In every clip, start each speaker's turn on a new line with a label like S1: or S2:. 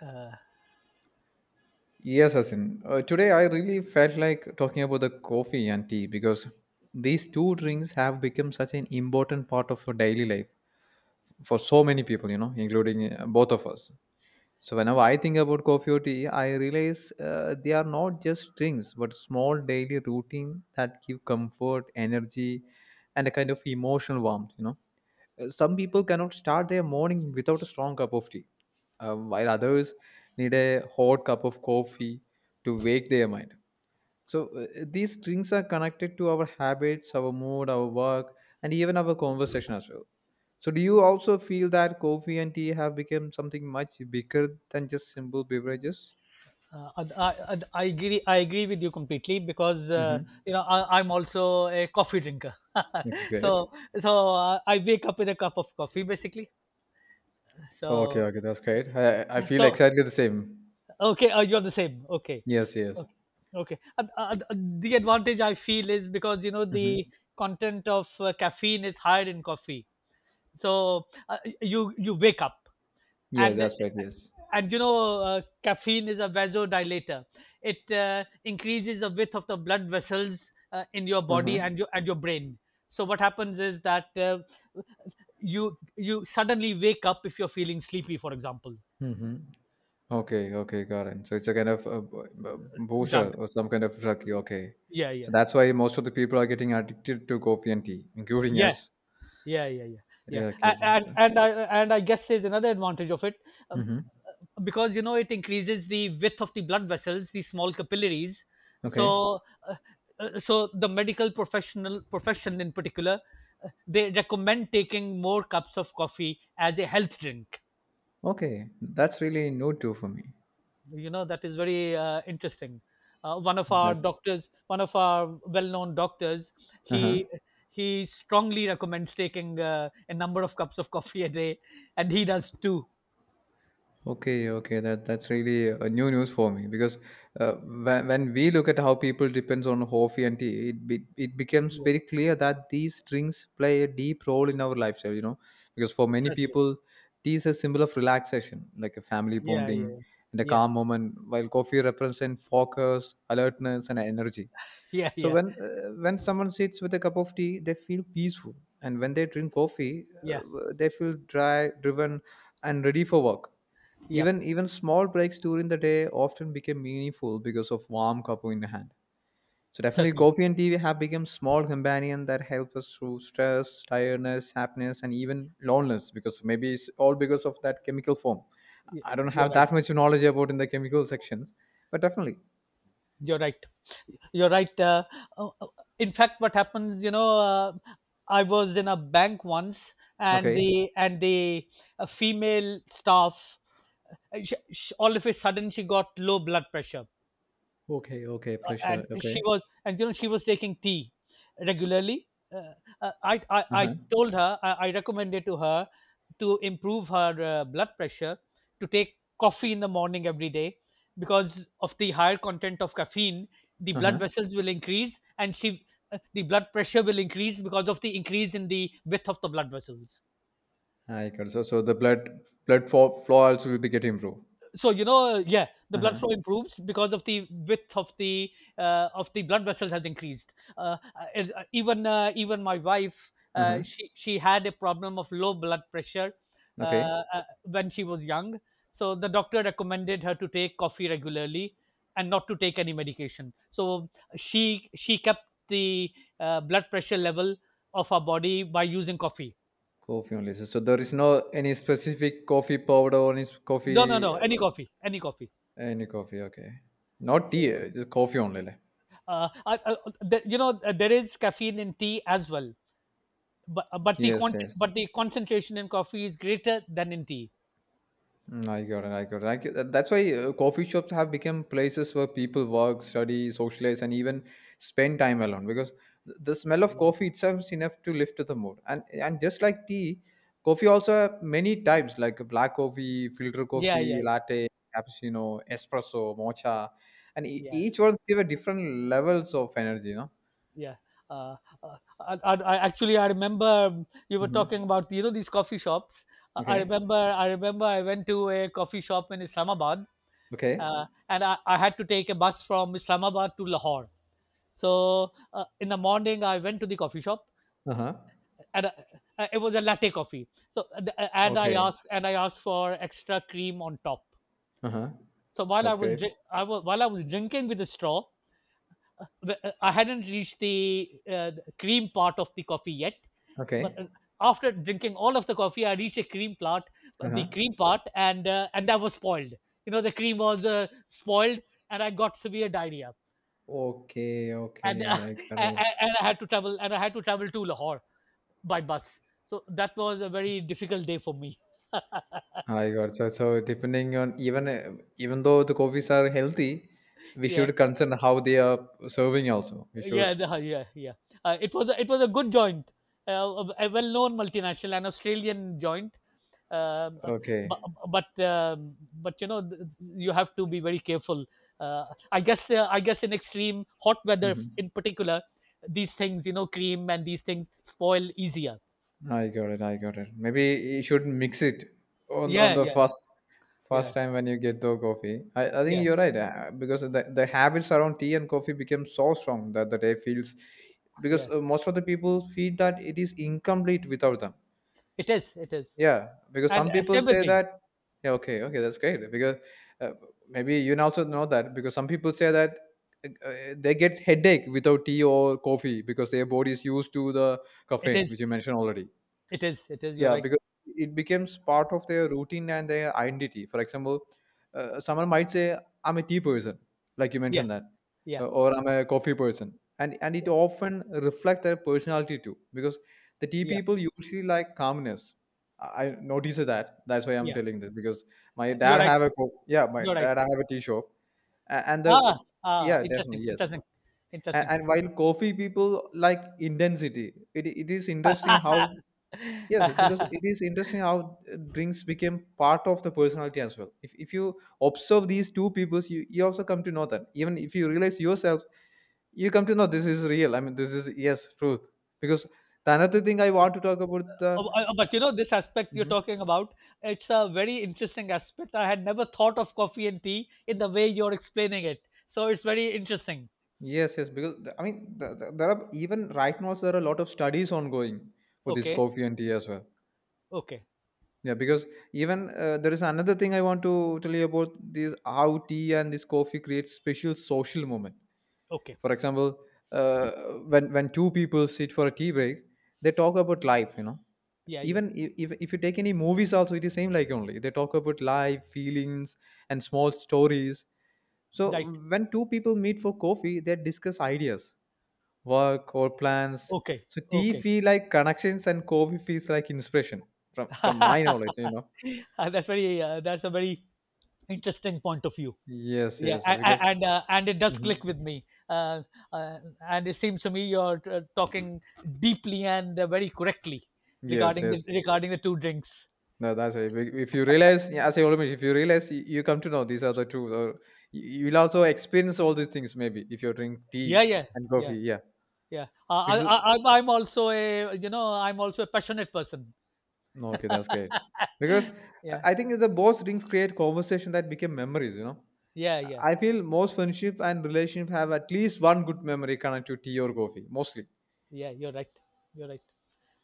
S1: uh,
S2: Yes, Asin. Today I really felt like talking about the coffee and tea because these two drinks have become such an important part of our daily life for so many people, including both of us. So whenever I think about coffee or tea, I realize they are not just drinks but small daily routine that give comfort, energy, and a kind of emotional warmth. Some people cannot start their morning without a strong cup of tea, while others need a hot cup of coffee to wake their mind. So, these drinks are connected to our habits, our mood, our work, and even our conversation as well. So, do you also feel that coffee and tea have become something much bigger than just simple beverages?
S1: I agree with you completely because
S2: Mm-hmm.
S1: I'm also a coffee drinker.
S2: Okay, great.
S1: so I wake up with a cup of coffee basically.
S2: Okay,
S1: So
S2: okay, that's great. I feel
S1: so
S2: exactly the same.
S1: okay, you're the same. Okay,
S2: Yes, yes.
S1: okay, okay. The advantage I feel is because
S2: Mm-hmm.
S1: the content of caffeine is higher in coffee. So, you wake up,
S2: Yeah,
S1: and
S2: that's right. Yes.
S1: and caffeine is a vasodilator. It increases the width of the blood vessels in your body
S2: Mm-hmm.
S1: and your brain. So what happens is that you suddenly wake up if you're feeling sleepy, for example.
S2: Mm-hmm. Okay, okay, got it. So it's a kind of a booster
S1: Drug,
S2: or some kind of drug. Okay,
S1: Yeah,
S2: so
S1: yeah,
S2: that's why most of the people are getting addicted to coffee and tea, including
S1: yeah,
S2: us.
S1: yeah, yeah, yeah. Yeah.
S2: Yeah, I
S1: A-
S2: guess. That's
S1: and
S2: the.
S1: and i and i guess there's another advantage of it,
S2: Mm-hmm.
S1: because it increases the width of the blood vessels, the small capillaries.
S2: Okay,
S1: So uh, uh, so the medical profession in particular, they recommend taking more cups of coffee as a health drink.
S2: okay, that's really new too for me.
S1: That is very interesting. One of our
S2: That's
S1: doctors, one of our well-known doctors,
S2: uh huh.
S1: he he strongly recommends taking a number of cups of coffee a day, and he does too.
S2: Okay, okay, that that's really a new news for me because when we look at how people depends on coffee and tea, it becomes
S1: Yeah.
S2: very clear that these drinks play a deep role in our lifestyle. You know, because for many
S1: Certainly.
S2: people, tea is a symbol of relaxation, like a family
S1: Yeah,
S2: bonding
S1: yeah,
S2: and a
S1: yeah,
S2: calm moment, while coffee represents focus, alertness, and energy.
S1: yeah,
S2: So
S1: yeah,
S2: when someone sits with a cup of tea, they feel peaceful, and when they drink coffee,
S1: yeah,
S2: they feel driven, and ready for work.
S1: yeah.
S2: Even small breaks during the day often become meaningful because of warm cup in the hand. So definitely,
S1: Certainly.
S2: coffee and tea have become small companion that help us through stress, tiredness, happiness, and even loneliness. Because maybe it's all because of that chemical form.
S1: Y-
S2: I don't
S1: you're
S2: have
S1: right.
S2: that much knowledge about in the chemical sections, but definitely.
S1: You're right. You're right. Uh, uh, in fact, what happens, I was in a bank once, and
S2: Okay.
S1: the female staff, all of a sudden, she got low blood pressure.
S2: Okay. Okay.
S1: uh, and
S2: Pleasure.
S1: she
S2: Okay.
S1: was and you know she was taking tea regularly. Uh, I
S2: Uh-huh.
S1: told her I recommended to her, to improve her blood pressure, to take coffee in the morning every day, because of the higher content of caffeine. The blood
S2: Uh-huh.
S1: vessels will increase and she, the blood pressure will increase because of the increase in the width of the blood vessels.
S2: I got it. So, so the blood flow also will be get improved.
S1: So yeah, the blood
S2: Uh-huh.
S1: flow improves because of the width of the blood vessels has increased. Uh, uh, even uh, even my wife,
S2: Uh-huh.
S1: she had a problem of low blood pressure,
S2: Okay.
S1: when she was young so the doctor recommended her to take coffee regularly and not to take any medication. So she kept the blood pressure level of her body by using coffee.
S2: Coffee only. So, so there is no any specific coffee powder or any
S1: No, no,
S2: coffee
S1: no, any coffee, any coffee.
S2: any coffee. Okay. Not tea.
S1: So
S2: Just coffee only.
S1: There is caffeine in tea as well, but
S2: Yes. Yes.
S1: the concentration in coffee is greater than in tea.
S2: I got it. I got it. That's why coffee shops have become places where people work, study, socialize, and even spend time alone. Because the smell of
S1: Yeah,
S2: coffee itself is enough to lift the mood. And just like tea, coffee also have many types like black coffee, filter
S1: yeah,
S2: coffee,
S1: yeah,
S2: latte, cappuccino, espresso, mocha, and
S1: yeah,
S2: each ones give a different levels of energy. No.
S1: yeah. Uh, I actually I remember, you were
S2: Mm-hmm.
S1: talking about these coffee shops. I I
S2: Okay.
S1: remember I remember I went to a coffee shop in Islamabad,
S2: Okay.
S1: and I had to take a bus from Islamabad to Lahore. So, in the morning I went to the coffee shop,
S2: Uh huh.
S1: and it was a latte coffee. So uh, uh, and I
S2: Okay.
S1: asked and I asked for extra cream on top.
S2: Uh huh.
S1: So, while I
S2: That's
S1: was
S2: great.
S1: dri- I was while I was drinking with a straw, I hadn't reached the the cream part of the coffee yet. But
S2: Okay.
S1: after drinking all of the coffee, I reached a cream part,
S2: Uh
S1: the
S2: huh.
S1: cream part, and that was spoiled. The cream was spoiled, and I got severe diarrhea.
S2: Okay,
S1: And
S2: okay, I got
S1: and
S2: it.
S1: and I had to travel to Lahore by bus. So that was a very difficult day for me.
S2: I got it. So, so depending on even even though the coffees are healthy, we
S1: Yeah.
S2: should concern how they are serving also. We should.
S1: Yeah, yeah. It was a good joint, uh, a well-known multinational, an Australian joint. Um, uh,
S2: Okay.
S1: bu- but You have to be very careful. Uh, I guess in extreme hot weather,
S2: Hmm.
S1: in particular, these things, cream and these things, spoil easier.
S2: I got it. I got it. Maybe you should mix it on
S1: Yeah,
S2: the
S1: yeah,
S2: first
S1: yeah,
S2: time when you get the coffee. I think
S1: yeah,
S2: you're right because the habits around tea and coffee became so strong that the day feels because
S1: yeah.
S2: most of the people feel that it is incomplete without them.
S1: It is,
S2: Yeah, because
S1: and
S2: some
S1: stay
S2: people
S1: with
S2: say
S1: me.
S2: that. Yeah, okay, okay, that's great. Because uh, maybe you now also know that because some people say that they get headache without tea or coffee because their body is used to the
S1: It
S2: caffeine,
S1: is,
S2: which you mentioned already.
S1: it is, it is. You're
S2: Yeah,
S1: right.
S2: because it becomes part of their routine and their identity. For example, someone might say, "I'm a tea person," like you mentioned that,
S1: Yeah,
S2: or "I'm a coffee person," and it
S1: yeah,
S2: often reflects their personality too. Because the tea
S1: yeah,
S2: people usually like calmness. I noticed that. That's why I'm
S1: yeah.
S2: telling this because my
S1: You're
S2: dad
S1: right.
S2: have a yeah, my
S1: You're right.
S2: dad have a tea shop. And
S1: Ah,
S2: the
S1: ah,
S2: yeah, definitely
S1: interesting,
S2: yes.
S1: interesting, interesting.
S2: And while coffee people like intensity, it is interesting how. Yes, because it is interesting how drinks became part of the personality as well. If you observe these two peoples, you also come to know that. Even if you realize yourself, you come to know this is real. I mean, this is, yes, truth. Because the another thing I want to talk about the.
S1: Oh, but this aspect you're
S2: Mhm.
S1: talking about, it's a very interesting aspect. I had never thought of coffee and tea in the way you're explaining it. So it's very interesting.
S2: Yes, yes. I mean, there are even right now, there are a lot of studies ongoing for this
S1: Okay,
S2: coffee and tea as well.
S1: okay,
S2: Yeah, because even there is another thing I want to tell you about this how tea and this coffee creates special social moment.
S1: okay.
S2: For example, uh, when two people sit for a tea break, they talk about life. You know,
S1: Yeah, yeah.
S2: even if you take any movies, also it is same like only they talk about life, feelings, and small stories. So
S1: Right.
S2: when two people meet for coffee, they discuss ideas, work, or plans.
S1: Okay,
S2: So tea
S1: okay.
S2: feel like connections, and coffee feels like inspiration from my knowledge you know.
S1: That's a very interesting point of view.
S2: Yes,
S1: yeah
S2: yes,
S1: a- a-
S2: because.
S1: and uh, and it does
S2: Mhm.
S1: click with me. uh, uh, and it seems to me you're talking deeply and very correctly
S2: Yes,
S1: regarding the
S2: yes,
S1: regarding the two drinks.
S2: no that's right. If you realize yeah, as I always if you realize you, you come to know these are the two or you- you'll also experience all these things maybe if you drink tea
S1: Yeah, yeah,
S2: and
S1: yeah,
S2: coffee yeah
S1: yeah. I, I,
S2: because
S1: I i'm I'm also a you know I'm also a passionate person.
S2: no okay that's great because i
S1: Yeah,
S2: I think the both drinks create conversation that become memories you know.
S1: yeah, yeah,
S2: I feel most friendship and relationship have at least one good memory connected to tea or coffee mostly.
S1: yeah. You're right. You're right.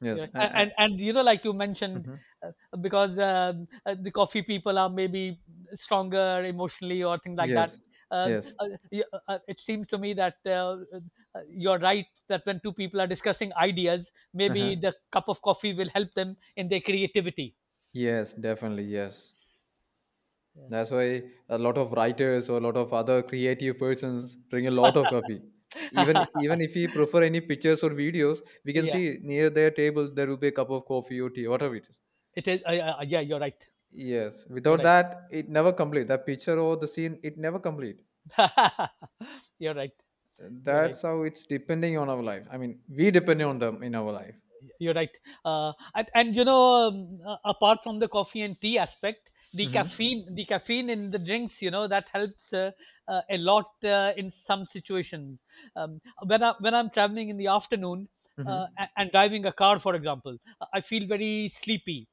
S2: Yes,
S1: Yeah, a- and and like you mentioned,
S2: Mhm.
S1: uh, because the coffee people are maybe stronger emotionally or things like that.
S2: Yes,
S1: Uh,
S2: yes,
S1: it seems to me that you're right that when two people are discussing ideas, maybe
S2: uh-huh.
S1: the cup of coffee will help them in their creativity.
S2: Yes, definitely. Yes.
S1: Yeah.
S2: That's why a lot of writers or a lot of other creative persons drink a lot of coffee. Even if we prefer any pictures or videos, we can
S1: Yeah,
S2: see near their table there will be a cup of coffee or tea, whatever it is.
S1: it is. Yeah, you're right.
S2: Yes.
S1: You're
S2: Without
S1: right.
S2: that, it never complete. That picture or the scene, it never complete.
S1: You're right. You're right.
S2: That's how it's depending on our life. I mean, we depend on them in our life.
S1: You're right. And apart from the coffee and tea aspect,
S2: Mm-hmm.
S1: the caffeine in the drinks, that helps a lot in some situations. Um, when I'm traveling in the afternoon,
S2: Mm-hmm.
S1: and driving a car, for example, I feel very sleepy,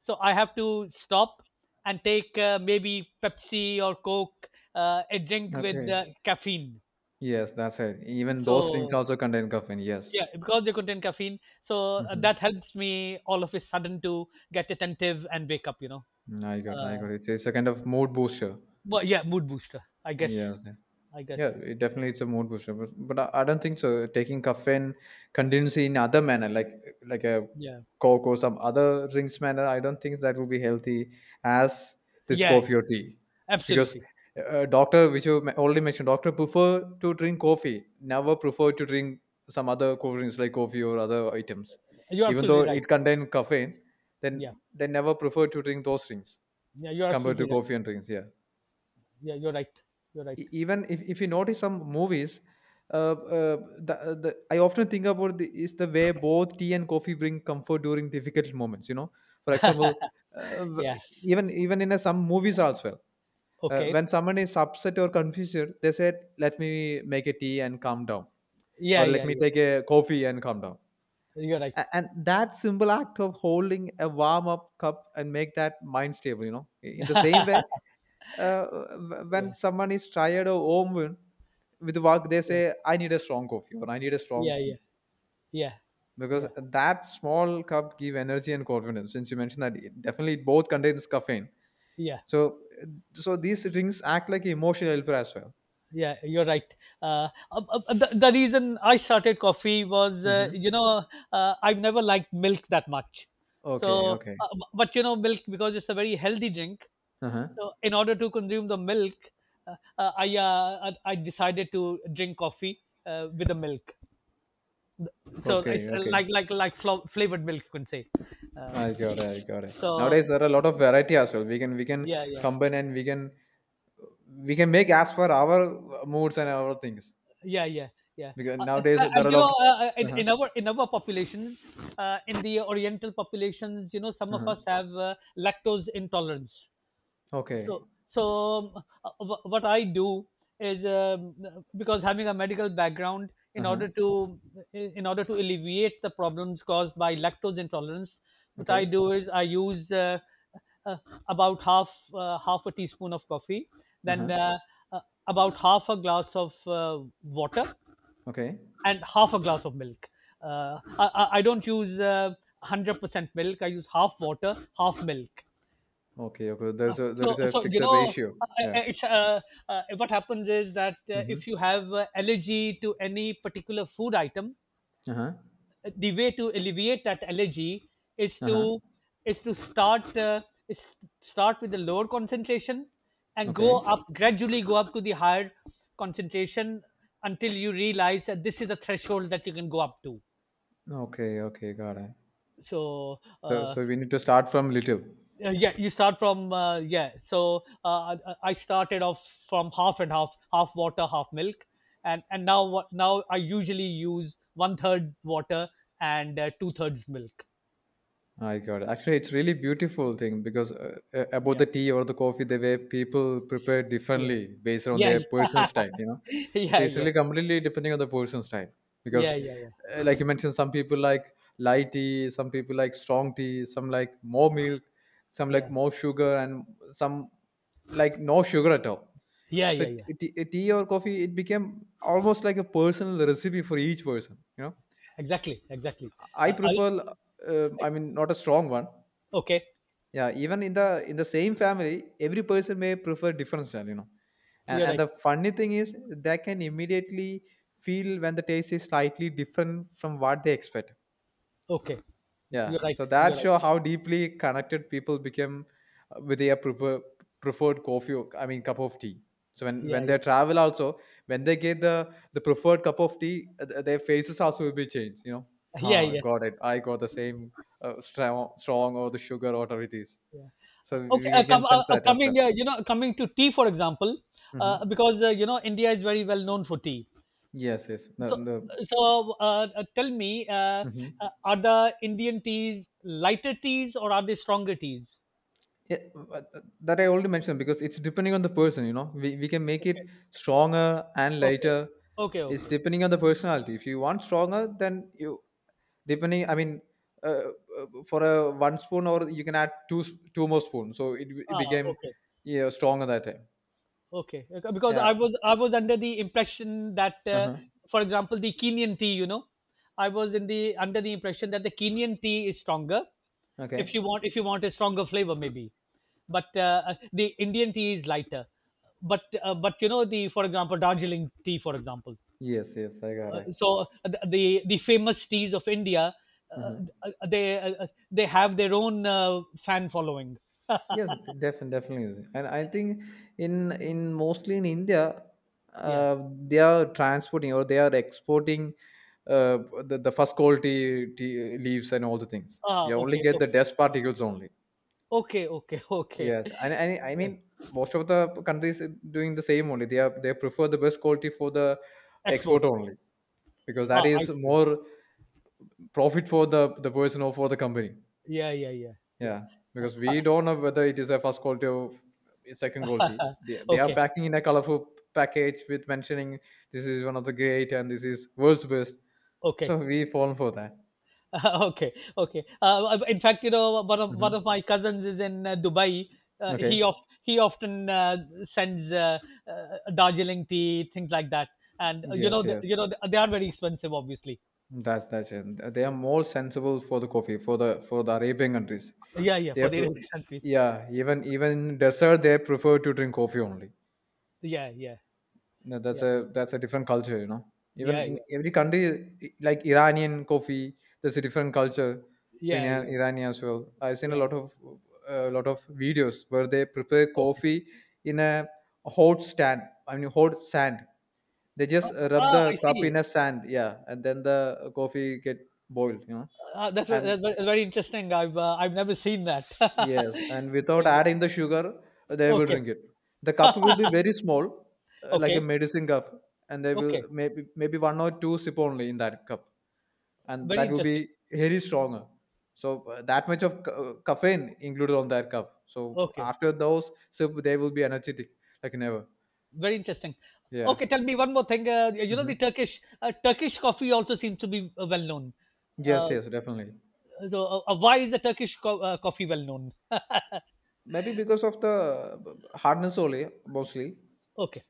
S1: so I have to stop and take maybe Pepsi or Coke, a drink with
S2: Okay.
S1: caffeine.
S2: Yes, that's it. Even those drinks
S1: So
S2: also contain caffeine. Yes.
S1: yeah, because they contain caffeine, so
S2: Mm-hmm.
S1: that helps me all of a sudden to get attentive and wake up.
S2: I got, I
S1: Uh,
S2: got. It's a kind of mood booster.
S1: but yeah, mood booster. I guess.
S2: Yes, yes.
S1: I
S2: Yeah.
S1: guess.
S2: It definitely it's a mood booster, but but I don't think so. Taking caffeine continuously in other manner, like a
S1: Yeah.
S2: coke or some other drinks manner, I don't think that will be healthy as this
S1: Yeah.
S2: coffee
S1: Yeah.
S2: or tea, because
S1: Absolutely.
S2: doctor, which you already mentioned, doctor prefer to drink coffee, never prefer to drink some other cold drinks like coffee or other items,
S1: You're
S2: even though
S1: absolutely right.
S2: it contain caffeine.
S1: Yeah.
S2: Then they never prefer to drink those drinks
S1: Yeah. You're
S2: compared to
S1: absolutely right.
S2: coffee and drinks yeah.
S1: Yeah. You're right. You're right.
S2: Even if you notice some movies uh, uh, the I often think about the is the way both tea and coffee bring comfort during difficult moments you know. For example, uh,
S1: Yeah.
S2: w- even in a, some movies as well
S1: Okay.
S2: when someone is upset or confused they said let me make a tea and calm down,
S1: Yeah.
S2: or let
S1: Yeah.
S2: me
S1: Yeah.
S2: take a coffee and calm down.
S1: You're right.
S2: And that simple act of holding a warm up cup and make that mind stable you know. In the same way uh,
S1: Yeah.
S2: when someone is tired or overwhelmed with work they
S1: Yeah.
S2: say I need a strong coffee or I need a strong
S1: Yeah. Yeah.
S2: tea
S1: Yeah.
S2: because
S1: Yeah.
S2: that small cup give energy and confidence since you mentioned that it definitely both contains caffeine.
S1: Yeah.
S2: So uh, so these drinks act like emotional helper as well.
S1: Yeah, you're right. uh, uh, the reason I started coffee was,
S2: Hmm.
S1: I've never liked milk that much,
S2: Okay,
S1: so
S2: okay,
S1: but milk, because it's a very healthy drink.
S2: uh-huh,
S1: So in order to consume the milk, I i decided to drink coffee with the milk. So it's
S2: okay, okay,
S1: like flavored milk, you can say. um,
S2: I got it, I got it.
S1: so
S2: Nowadays there are a lot of variety as well. We can
S1: yeah, yeah,
S2: combine and we can make as per our moods and our things
S1: yeah, yeah, yeah.
S2: because
S1: uh,
S2: nowadays
S1: uh,
S2: there
S1: and
S2: are a lot of
S1: in,
S2: uh-huh.
S1: in our in our populations, in the oriental populations, some of
S2: Uh-huh.
S1: us have lactose intolerance.
S2: Okay.
S1: So, what I do is, because having a medical background, in
S2: Uh-huh.
S1: order to, alleviate the problems caused by lactose intolerance, what I
S2: Okay.
S1: do is I use uh, about half a teaspoon of coffee,
S2: Uh-huh.
S1: then uh, about half a glass of water,
S2: Okay.
S1: and half a glass of milk. I don't use 100% milk. I use half water, half milk.
S2: Okay. Okay.
S1: Uh,
S2: There is
S1: so,
S2: a
S1: so
S2: fixed
S1: you know,
S2: ratio.
S1: I-
S2: Yeah.
S1: I- it's what happens is that
S2: Mm-hmm.
S1: if you have allergy to any particular food item,
S2: Uh-huh.
S1: the way to alleviate that allergy is
S2: Uh-huh.
S1: to is to is start with the lower concentration, and go
S2: Okay.
S1: up gradually, go up to the higher concentration, until you realize that this is the threshold that you can go up to.
S2: Okay. Okay. Got it.
S1: So,
S2: So so we need to start from little.
S1: yeah, you start from, yeah. So I started off from half and half, half water, half milk, and now I usually use one third water, and two thirds milk.
S2: I got it. Actually, it's really beautiful thing because about the
S1: Yeah,
S2: tea or the coffee, the way people prepare
S1: yeah,
S2: differently based on
S1: yeah.
S2: their personal style. You know,
S1: Yeah,
S2: it's
S1: yeah,
S2: it's
S1: yeah,
S2: really completely depending on the personal style because,
S1: yeah, yeah,
S2: like you mentioned, some people like light tea, some people like strong tea, some like more milk, some like
S1: yeah,
S2: more sugar, and some like no sugar at all.
S1: yeah,
S2: So
S1: yeah, yeah.
S2: tea or coffee, it became almost like a personal recipe for each person. You know,
S1: Exactly, exactly.
S2: I
S1: uh, I,
S2: prefer,
S1: I,
S2: I mean, not a strong one.
S1: okay.
S2: Yeah, even in the same family, every person may prefer different style, you know. And,
S1: You're
S2: and
S1: right.
S2: the funny thing is, they can immediately feel when the taste is slightly different from what they expect.
S1: Okay, you're
S2: Yeah,
S1: right.
S2: so that
S1: You're right.
S2: show how deeply connected people become with their preferred coffee. I mean, cup of tea. So when
S1: Yeah,
S2: when they
S1: yeah,
S2: travel, also when they get the preferred cup of tea, their faces also will be changed. You know,
S1: yeah,
S2: ah,
S1: yeah.
S2: got it. I got the same strong or the sugar, or whatever it is.
S1: Yeah.
S2: So we,
S1: Okay.
S2: we can sense that as well.
S1: Coming to tea, for example,
S2: Hmm.
S1: because India is very well known for tea.
S2: Yes, yes.
S1: So, so, tell me,
S2: Mhm.
S1: are the Indian teas lighter teas, or are they stronger teas?
S2: Yeah, that I already mentioned because it's depending on the person, you know. We can make
S1: Okay,
S2: it stronger and
S1: okay,
S2: lighter.
S1: okay,
S2: It's
S1: okay.
S2: depending on the personality. If you want stronger, then you depending. I mean, uh, for a one spoon, or you can add two more spoons. So it
S1: Ah,
S2: became
S1: okay.
S2: yeah stronger that time.
S1: Okay, okay, because
S2: Yeah.
S1: I was under the impression that,
S2: Uh-huh.
S1: for example, the Kenyan tea, I was in the under the impression that the Kenyan tea is stronger.
S2: Okay.
S1: If you want a stronger flavor, maybe, but the Indian tea is lighter. But you know the for example, Darjeeling tea, for example.
S2: Yes. Yes. I got
S1: So the famous teas of India, uh,
S2: it.
S1: they have their own fan following.
S2: Yes, definitely, definitely. Is. And I think in mostly in India,
S1: Yeah.
S2: uh, they are transporting or they are exporting uh, the first quality tea leaves and all the things. We
S1: Ah.
S2: only
S1: Okay.
S2: get the
S1: Okay.
S2: dust particles only.
S1: Okay. Okay. Okay.
S2: Yes, and I
S1: Yeah.
S2: mean most of the countries are doing the same only. They are they prefer the best quality for the
S1: Export.
S2: export only because that
S1: Ah, I
S2: is
S1: see.
S2: more profit for the person or for the company.
S1: Yeah, yeah, yeah, yeah.
S2: Yeah, because we don't know whether it is a first quality or a second quality. They are
S1: Okay,
S2: packing in a colorful package with mentioning this is one of the great and this is world's best. So
S1: okay,
S2: we fall for that.
S1: okay, okay. In fact, you know, one of
S2: Hmm.
S1: my cousins is in Dubai. Uh,
S2: Okay.
S1: he of he often sends Darjeeling tea, things like that. And you know,
S2: Yes. Yes.
S1: they are very expensive, obviously.
S2: That's it. They are more sensible for the coffee for the Arabian countries.
S1: Yeah, yeah,
S2: They are,
S1: for the Arabian
S2: pre-
S1: countries.
S2: yeah. Even in dessert they prefer to drink coffee only.
S1: Yeah, yeah,
S2: No,
S1: yeah,
S2: that's a different culture, you know. Even
S1: yeah,
S2: in
S1: yeah,
S2: every country, like Iranian coffee, there's a different culture for
S1: yeah, yeah.
S2: Iran as well. I've seen
S1: Yeah.
S2: a lot of videos where they prepare
S1: Okay.
S2: coffee in a hot stand. I mean, hot sand. They just rub
S1: Ah, I
S2: the cup
S1: see.
S2: in a sand, yeah, and then the coffee get boiled, you know.
S1: Ah, that's,
S2: And
S1: that's very interesting. I've never seen that. Thank
S2: yes, and without
S1: you.
S2: adding the sugar, they will
S1: Okay,
S2: drink it. The cup will be very small, like a
S1: okay,
S2: medicine cup, and they will
S1: okay.
S2: maybe one or two sip only in that cup, and
S1: Very
S2: that will
S1: interesting.
S2: be very stronger. So that much of caffeine included on that cup. So
S1: Okay,
S2: after those sip, they will be energetic like never.
S1: very interesting.
S2: Yeah.
S1: Okay, tell me one more thing. You know, the
S2: Hmm.
S1: Turkish Turkish coffee also seems to be well known.
S2: Yes,
S1: Uh,
S2: yes, definitely.
S1: why is the coffee well known?
S2: Maybe because of the hardness only, mostly
S1: Okay,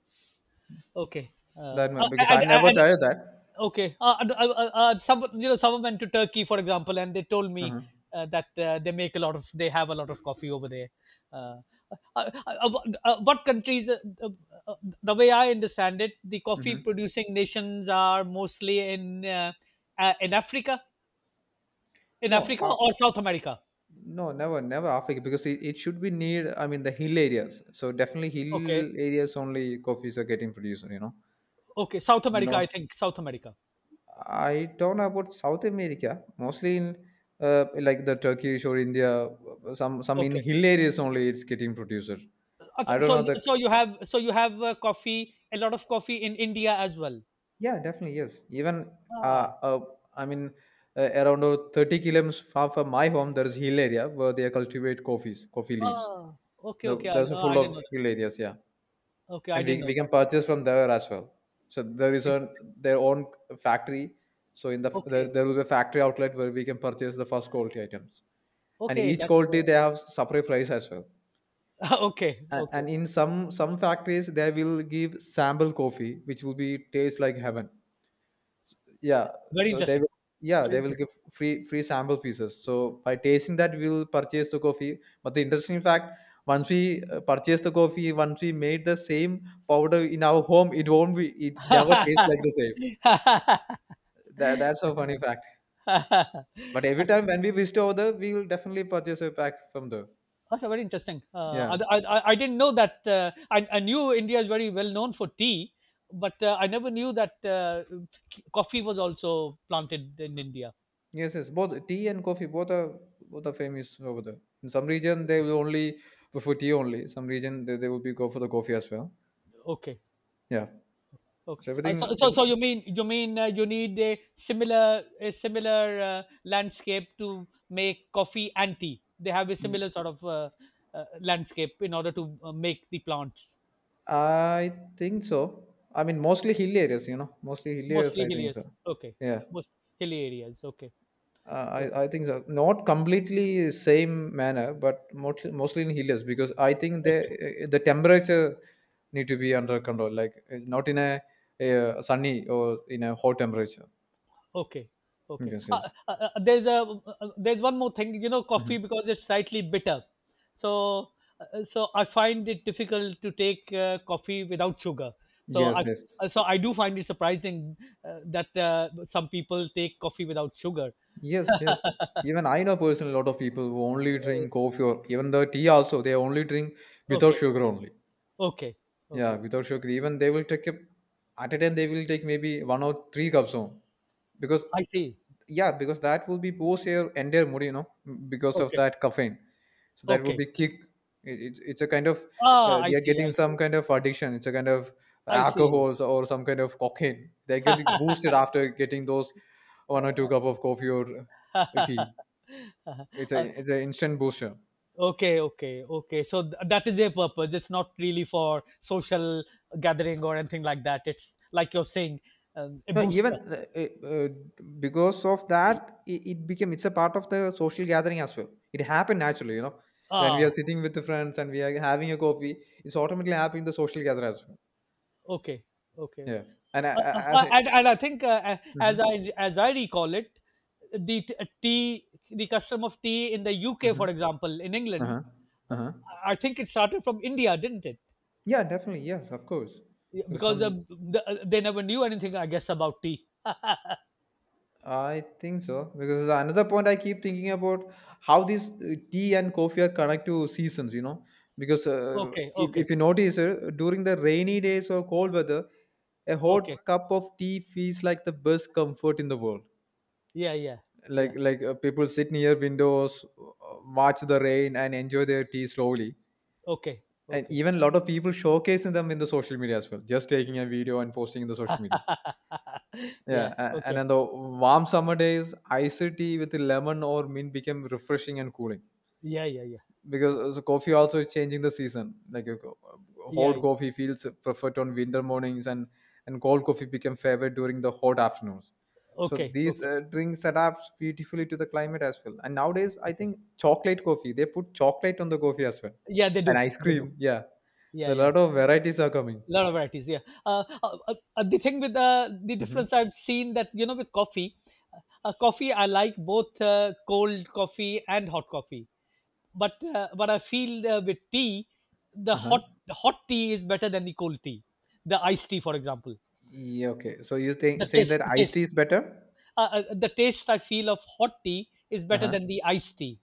S1: okay. Uh,
S2: that
S1: I,
S2: because
S1: I,
S2: I
S1: I,
S2: never
S1: I,
S2: tried that.
S1: okay. Some, you know, someone went to Turkey, for example, and they told me
S2: Uh-huh.
S1: that they make a lot of, they have a lot of coffee over there. Uh, uh, uh, uh, what countries? Uh, uh, the way I understand it, the
S2: Hmm.
S1: coffee-producing nations are mostly uh, in Africa, in
S2: No,
S1: Africa
S2: uh,
S1: or South America.
S2: no, never, never Africa because it should be near, I mean, the hill areas. So definitely
S1: Okay,
S2: hill areas only coffees are getting produced, you know.
S1: okay, South America. I
S2: Not,
S1: think South America.
S2: I don't know about South America, mostly in like the Turkish or India, some in
S1: Okay,
S2: hill areas only it's getting produced. I don't
S1: So
S2: know the,
S1: you have coffee, a lot of coffee in India as well.
S2: yeah, definitely, yes. Even,
S1: Ah,
S2: uh, uh I mean, around 30 kilometers far from my home, there is hill area where they cultivate coffees, coffee leaves.
S1: ah, okay, okay.
S2: There's a
S1: I
S2: full
S1: didn't
S2: of
S1: know that.
S2: hill areas, yeah.
S1: Okay, I
S2: And
S1: didn't
S2: we,
S1: know
S2: we can
S1: that.
S2: purchase from there as well, so there is a
S1: Interesting.
S2: their own factory. So in the
S1: Okay,
S2: there will be a factory outlet where we can purchase the first quality items, and
S1: okay,
S2: each
S1: that's
S2: quality they have separate price as well.
S1: okay,
S2: and,
S1: okay.
S2: and in some factories they will give sample coffee which will be taste like heaven, yeah.
S1: Very
S2: So they
S1: interesting.
S2: will yeah
S1: Very
S2: they will give
S1: interesting.
S2: free sample pieces. So by tasting that we will purchase the coffee. But the interesting fact, once we purchase the coffee, once we made the same powder in our home, it won't be it never tastes like the same. That's a funny fact, but every time when we visit over there we will definitely purchase a pack from there.
S1: Also very interesting.
S2: Yeah.
S1: I didn't know that. I knew India is very well known for tea, but I never knew that coffee was also planted in India.
S2: Yes, yes, both tea and coffee both are famous over there. In some region they will only go for tea only, some region they will be go for the coffee as well,
S1: Okay.
S2: yeah.
S1: Okay.
S2: So everything
S1: So you mean you need a similar a similar landscape to make coffee and tea. They have a
S2: Y-
S1: similar sort of landscape in order to make the plants
S2: I think so. I mean, mostly hill areas, you know, mostly hill areas.
S1: mostly
S2: I think
S1: hilly.
S2: so.
S1: Okay,
S2: Yeah,
S1: most hilly areas. Okay, okay,
S2: I think so. Not completely same manner, but mostly in hill areas because I think
S1: okay.
S2: the temperature need to be under control, like not in a, sunny or in a hot temperature.
S1: Okay, okay.
S2: Yes, yes.
S1: There's a there's one more thing, you know, coffee
S2: Hmm.
S1: because it's slightly bitter. So so I find it difficult to take coffee without sugar. So
S2: Yes,
S1: I
S2: yes,
S1: so I do find it surprising that some people take coffee without sugar.
S2: yes, yes. Even I know personally, a lot of people who only drink coffee or even the tea also. They only drink without
S1: Okay,
S2: sugar only.
S1: okay,
S2: Yeah,
S1: okay.
S2: without sugar, even they will take a, at a time they will take maybe one or three cups on because
S1: I see.
S2: yeah, because that will be boost your entire mood, you know, because of
S1: Okay,
S2: that caffeine. So that will
S1: okay.
S2: be kick. It's it's a kind of
S1: Ah, I
S2: they are
S1: see. I
S2: getting some
S1: see.
S2: kind of addiction. It's a kind of
S1: I see.
S2: alcohol or some kind of cocaine. They get boosted after getting those one or two cup of coffee or tea.
S1: Uh,
S2: It's an instant booster.
S1: Okay, okay, okay. So that is their purpose. It's not really for social gathering or anything like that. It's like you're saying, a
S2: No, even
S1: booster.
S2: because of that, it became it's a part of the social gathering as well. It happened naturally, you know. When we are
S1: Ah,
S2: sitting with the friends and we are having a coffee, it's automatically happening in the social gathering as well.
S1: okay, okay.
S2: Yeah,
S1: Uh,
S2: and
S1: uh, uh,
S2: as
S1: uh,
S2: I,
S1: and, and I think,
S2: mm-hmm,
S1: as I recall it, the tea, the custom of tea in the UK, for
S2: mm-hmm,
S1: example, in
S2: uh
S1: England,
S2: huh, uh
S1: uh,
S2: huh,
S1: I think it started from India, didn't it?
S2: yeah, definitely, yes, of course,
S1: Yeah,
S2: because
S1: because
S2: from
S1: they never knew anything, I guess, about tea.
S2: I think so because another point I keep thinking about how these tea and coffee are connect to seasons. You know, because
S1: Okay, okay,
S2: if you notice during the rainy days or cold weather, a
S1: okay.
S2: hot cup of tea feels like the best comfort in the world.
S1: Yeah, yeah, yeah.
S2: Like people sit near windows, watch the rain, and enjoy their tea slowly.
S1: Okay.
S2: And
S1: Okay.
S2: even a lot of people showcasing them in the social media as well, just taking a video and posting in the social media.
S1: Yeah.
S2: Yeah, and
S1: Okay.
S2: on the warm summer days, iced tea with lemon or mint became refreshing and cooling
S1: Yeah. Yeah. Yeah.
S2: because the coffee also is changing the season. Like
S1: Yeah.
S2: hot
S1: Yeah.
S2: coffee feels preferred on winter mornings, and cold coffee became favorite during the hot afternoons. So
S1: Okay.
S2: these
S1: Okay.
S2: drinks adapt beautifully to the climate as well. And nowadays, I
S1: Okay.
S2: think chocolate coffee they put chocolate on the coffee as well,
S1: Yeah. They
S2: and
S1: do.
S2: ice
S1: They do.
S2: cream. Yeah,
S1: Yeah.
S2: a
S1: Yeah.
S2: lot of varieties are coming.
S1: A lot of varieties. Yeah. The thing with the
S2: Hmm.
S1: difference I've seen that you know with coffee, coffee I like both cold coffee and hot coffee, but I feel with tea, the
S2: Uh huh.
S1: hot the hot tea is better than the cold tea, the iced tea for example.
S2: Yeah. Okay. So you think
S1: The
S2: saying
S1: taste,
S2: that
S1: the
S2: iced
S1: taste.
S2: tea is better?
S1: The taste I feel of hot tea is better
S2: Uh-huh.
S1: than the iced tea.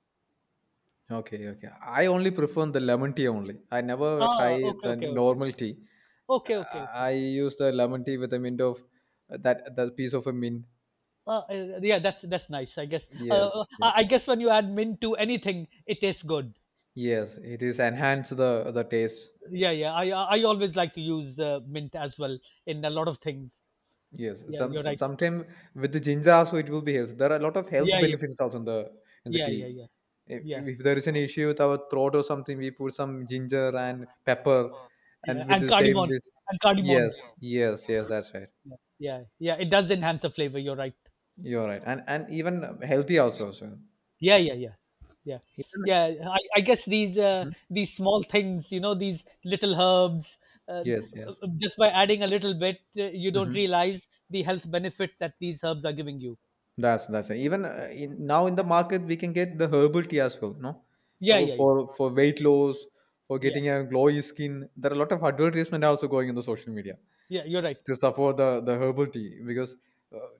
S2: Okay, okay. I only prefer the lemon tea only. I never try
S1: Ah, okay,
S2: the
S1: okay, okay,
S2: normal tea.
S1: okay, okay,
S2: Uh,
S1: okay.
S2: I use the lemon tea with a mint of that that piece of a mint.
S1: Yeah, that's nice. I guess. Uh, uh,
S2: Yes, yes,
S1: I I guess when you add mint to anything, it tastes good.
S2: yes. It is enhance the taste.
S1: Yeah, yeah. I I always like to use mint as well in a lot of things.
S2: Yes.
S1: Yeah, you're right.
S2: Sometimes with the ginger also it will be health. There are a lot of health
S1: Yeah, yeah,
S2: benefits also in the
S1: yeah, yeah,
S2: tea.
S1: yeah, yeah,
S2: If there is an issue with our throat or something, we put some ginger and pepper, and
S1: yeah.
S2: with
S1: And
S2: the same
S1: cardamom,
S2: this.
S1: and cardamom.
S2: Yes, yes, yes. That's right.
S1: Yeah, yeah, yeah. It does enhance the flavor. You're right.
S2: You're right, and even healthy also. So
S1: Yeah, yeah, yeah, yeah,
S2: even
S1: yeah, I guess
S2: mhm.
S1: these small things, you know, these little herbs uh,
S2: Yes, yes,
S1: just by adding a little bit you don't
S2: hmm
S1: realize the health benefit that these herbs are giving you.
S2: that's it. Even now in the market we can get the herbal tea as well. No,
S1: Yeah, yeah, yeah,
S2: For weight loss, for
S1: yeah,
S2: getting a glowy skin. There are a lot of advertisement also going in the social media
S1: yeah, you're right.
S2: to support the herbal tea because uh,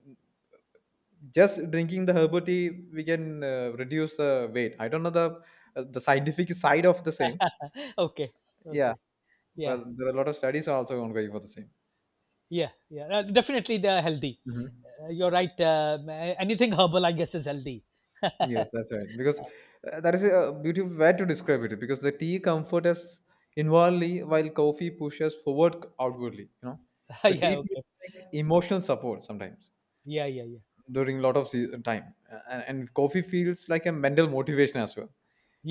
S2: just drinking the herbal tea we can reduce the weight. I don't know the scientific side of the same.
S1: Okay,
S2: Yeah,
S1: okay, yeah,
S2: but there are a lot of studies also ongoing for the
S1: yeah, yeah, definitely they're healthy.
S2: same.
S1: You're right. Anything herbal, I guess, is healthy.
S2: Yes, that's right. Because that is a beautiful way to describe it. Because the tea comforts us inwardly, while coffee pushes forward outwardly. You know, so
S1: Yeah,
S2: tea feels
S1: okay,
S2: like emotional support sometimes
S1: yeah, yeah, yeah,
S2: during a lot of time. And coffee feels like a mental motivation as well.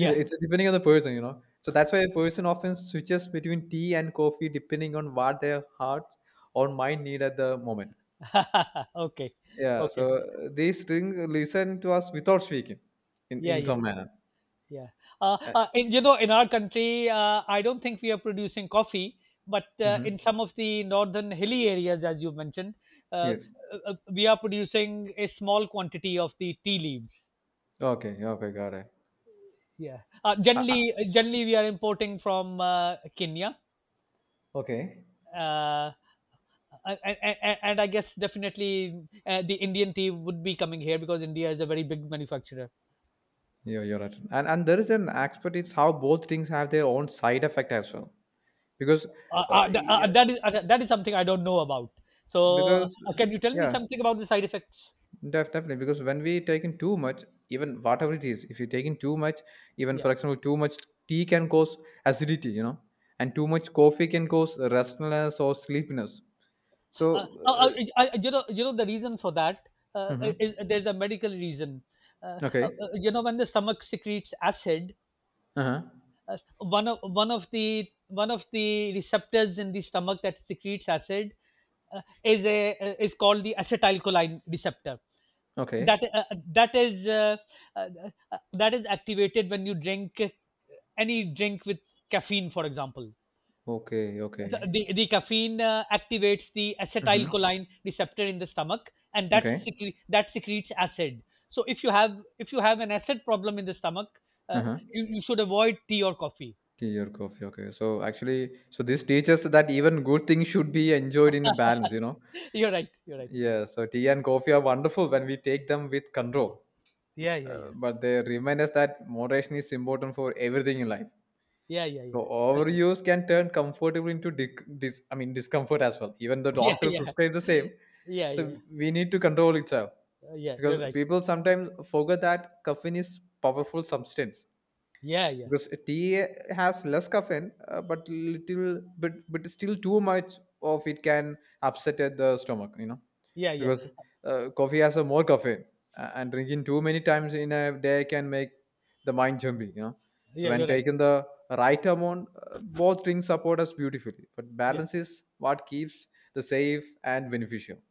S2: It's depending on the person, you know. So that's why a person often switches between tea and coffee depending on what their heart or mind need at the moment.
S1: yeah, okay,
S2: Yeah.
S1: okay,
S2: So they string listen to us without speaking,
S1: yeah,
S2: in
S1: yeah,
S2: some
S1: yeah.
S2: manner.
S1: Yeah.
S2: Uh,
S1: You know, in our country, I don't think we are producing coffee, but
S2: Mm-hmm.
S1: in some of the northern hilly areas, as you mentioned, uh,
S2: Yes.
S1: uh, we are producing a small quantity of the tea leaves.
S2: Okay. Okay. Got it.
S1: Yeah.
S2: Uh, uh,
S1: Generally we are importing from Kenya.
S2: okay.
S1: Uh, and I guess definitely the Indian tea would be coming here because India is a very big manufacturer.
S2: Yeah, you're right. And there is an aspect. It's how both things have their own side effect as well. Because, yeah,
S1: That is that is something I don't know about. So,
S2: because
S1: can you tell me
S2: yeah,
S1: something about the side effects?
S2: def- definitely. Because when we take in too much, even whatever it is, if you take in too much, even
S1: Yeah,
S2: for example, too much tea can cause acidity. You know, and too much coffee can cause restlessness or sleepiness.
S1: uh,
S2: So.
S1: uh,
S2: Uh,
S1: uh, you know the reason for that
S2: mm-hmm.
S1: is there's a medical reason.
S2: Okay.
S1: You know, when the stomach secretes acid,
S2: Uh huh.
S1: one of the one of the receptors in the stomach that secretes acid is a is called the acetylcholine receptor.
S2: Okay.
S1: that uh, that is uh, uh, that is activated when you drink any drink with caffeine, for example.
S2: Okay. Okay.
S1: The caffeine activates the
S2: Mm-hmm.
S1: acetylcholine receptor in the stomach, and that
S2: Okay.
S1: that secretes acid. So if you have an acid problem in the stomach, uh,
S2: Uh-huh.
S1: you, you should avoid tea or coffee.
S2: Tea or coffee. Okay. So actually, so this teaches that even good things should be enjoyed in a balance, you know?
S1: You're right, you're right.
S2: Yeah. So tea and coffee are wonderful when we take them with control.
S1: Yeah, yeah, yeah,
S2: But they remind us that moderation is important for everything in life.
S1: yeah, yeah,
S2: So
S1: yeah. Certainly.
S2: overuse can turn comfortable into I mean discomfort as well. Even the
S1: Yeah,
S2: doctor
S1: yeah,
S2: prescribes the same.
S1: yeah,
S2: So
S1: yeah.
S2: we need to control itself
S1: Yeah, you're
S2: because
S1: right.
S2: people sometimes forget that caffeine is powerful substance
S1: Yeah, yeah,
S2: because tea has less caffeine but little but still too much of it can upset at the stomach, you know,
S1: yeah, yeah,
S2: because coffee has a more caffeine and drinking too many times in a day can make the mind jumpy, you know. So
S1: yeah,
S2: when
S1: you're right.
S2: taken the right amount, both drinks support us beautifully, but
S1: Yeah,
S2: balance is what keeps the safe and beneficial.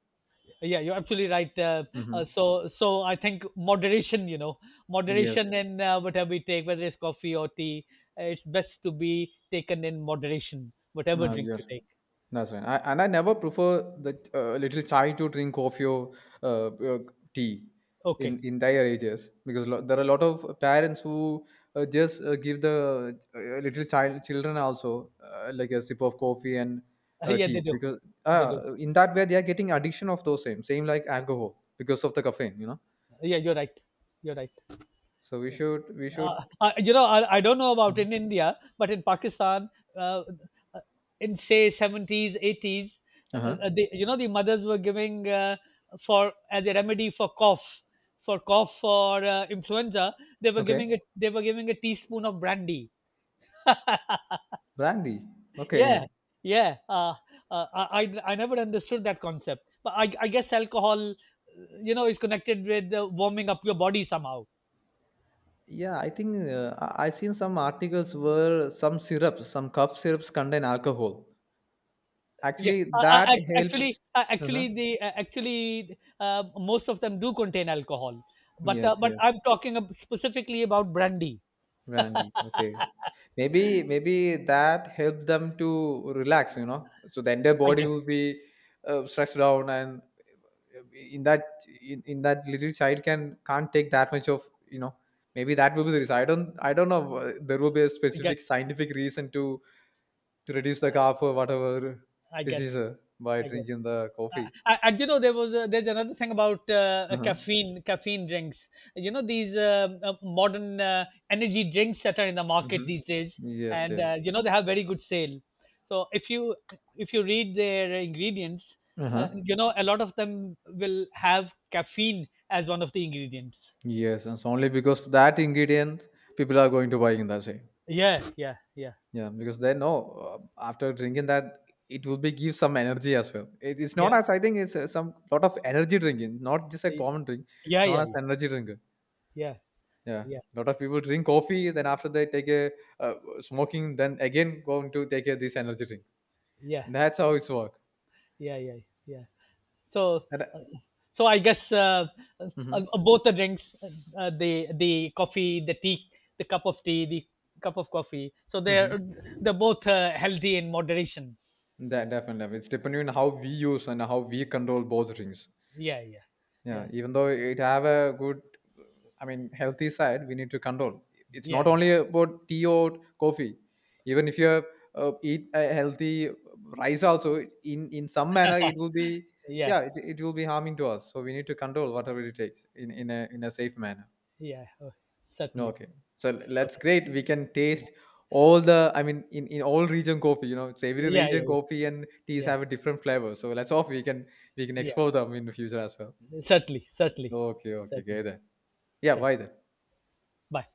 S1: yeah, you're absolutely right. uh, uh,
S2: Hmm.
S1: so so i think moderation, you know,
S2: Yes.
S1: moderation in whatever we take, whether it's coffee or tea, it's best to be taken in moderation whatever
S2: No,
S1: drink
S2: you're
S1: you take.
S2: that's right. I, and I never prefer the little chai to drink coffee or uh, uh, tea
S1: Okay.
S2: in their ages because there are a lot of parents who just give the little child children also like a sip of coffee and
S1: Yeah, they
S2: tea
S1: do,
S2: because
S1: they do.
S2: in that way they are getting addiction of those same same like alcohol because of the caffeine, you know.
S1: Yeah, you're right, you're right.
S2: So we should, we should.
S1: Uh, you know, I don't know about
S2: Mhm.
S1: in India, but in Pakistan, uh, uh, in say 70s, 80s,
S2: Uh huh.
S1: the, you know, the mothers were giving for as a remedy for cough, for cough for influenza, they were
S2: Okay.
S1: giving it. They were giving a teaspoon of brandy.
S2: Brandy.
S1: Yeah,
S2: Okay.
S1: yeah. I I never understood that concept, but I guess alcohol, you know, is connected with warming up your body somehow.
S2: Yeah, I think I seen some articles where some syrups, some cough syrups contain alcohol.
S1: Yeah,
S2: Actually, that
S1: ac- actually,
S2: helps. Uh-huh.
S1: actually, the actually most of them do contain alcohol, but uh,
S2: Yes,
S1: but
S2: yes,
S1: I'm talking specifically about brandy.
S2: brandy. Okay, maybe that helped them to relax. You know, so then their
S1: I
S2: body
S1: guess,
S2: will be stressed down and in that in that little child can't take that much of, you know, maybe that will be the reason. I don't know. There will be a
S1: I guess,
S2: specific scientific reason to reduce the cough or whatever
S1: I guess,
S2: disease by
S1: I guess.
S2: drinking the coffee.
S1: I, and you know there was a, there's another thing about
S2: Uh-huh.
S1: caffeine drinks, you know, these modern energy drinks that are in the market
S2: Hmm.
S1: these days,
S2: Yes,
S1: and
S2: yes.
S1: you know they have very good sale. So if you read their ingredients,
S2: Uh-huh.
S1: you know a lot of them will have caffeine as one of the ingredients.
S2: Yes, and it's only because of that ingredient people are going to buy in that way.
S1: Yeah, yeah, yeah,
S2: Yeah, because then no, after drinking that, it will be give some energy as well. It is not
S1: yeah,
S2: as I think it's some lot of energy drinking, not just a common drink.
S1: yeah,
S2: It's not
S1: yeah,
S2: as
S1: yeah,
S2: energy drinker.
S1: yeah, yeah,
S2: Yeah,
S1: yeah,
S2: lot of people drink coffee, then after they take a uh, smoking, then again going to take a, this energy drink.
S1: yeah,
S2: And that's how it's work.
S1: yeah, yeah, yeah. So,
S2: And,
S1: uh, so I guess
S2: mm-hmm,
S1: both the drinks, the coffee, the tea, the cup of tea, the cup of coffee. So
S2: mm-hmm.
S1: they're both healthy in moderation.
S2: That definitely it's depending on how we use and how we control both drinks.
S1: Yeah, yeah,
S2: Yeah,
S1: yeah,
S2: even though it have a good, I mean, healthy side, we need to control. It's
S1: yeah,
S2: not
S1: yeah,
S2: only about tea or coffee. Even if you eat a healthy rice, also in some manner it will be,
S1: yeah,
S2: yeah, it will be harming to us. So we need to control whatever it takes in a safe manner.
S1: yeah. Oh, certainly.
S2: Okay, so that's
S1: Okay.
S2: great. We can taste all the, I mean, in all region coffee. You know, it's every
S1: Yeah, yeah,
S2: region
S1: yeah,
S2: coffee and teas
S1: yeah,
S2: have a different flavor. So let's hope we can
S1: yeah.
S2: explore them in the future as well.
S1: Certainly, certainly,
S2: Okay, okay, okay
S1: certainly.
S2: then. Yeah,
S1: Okay.
S2: why then?
S1: Bye.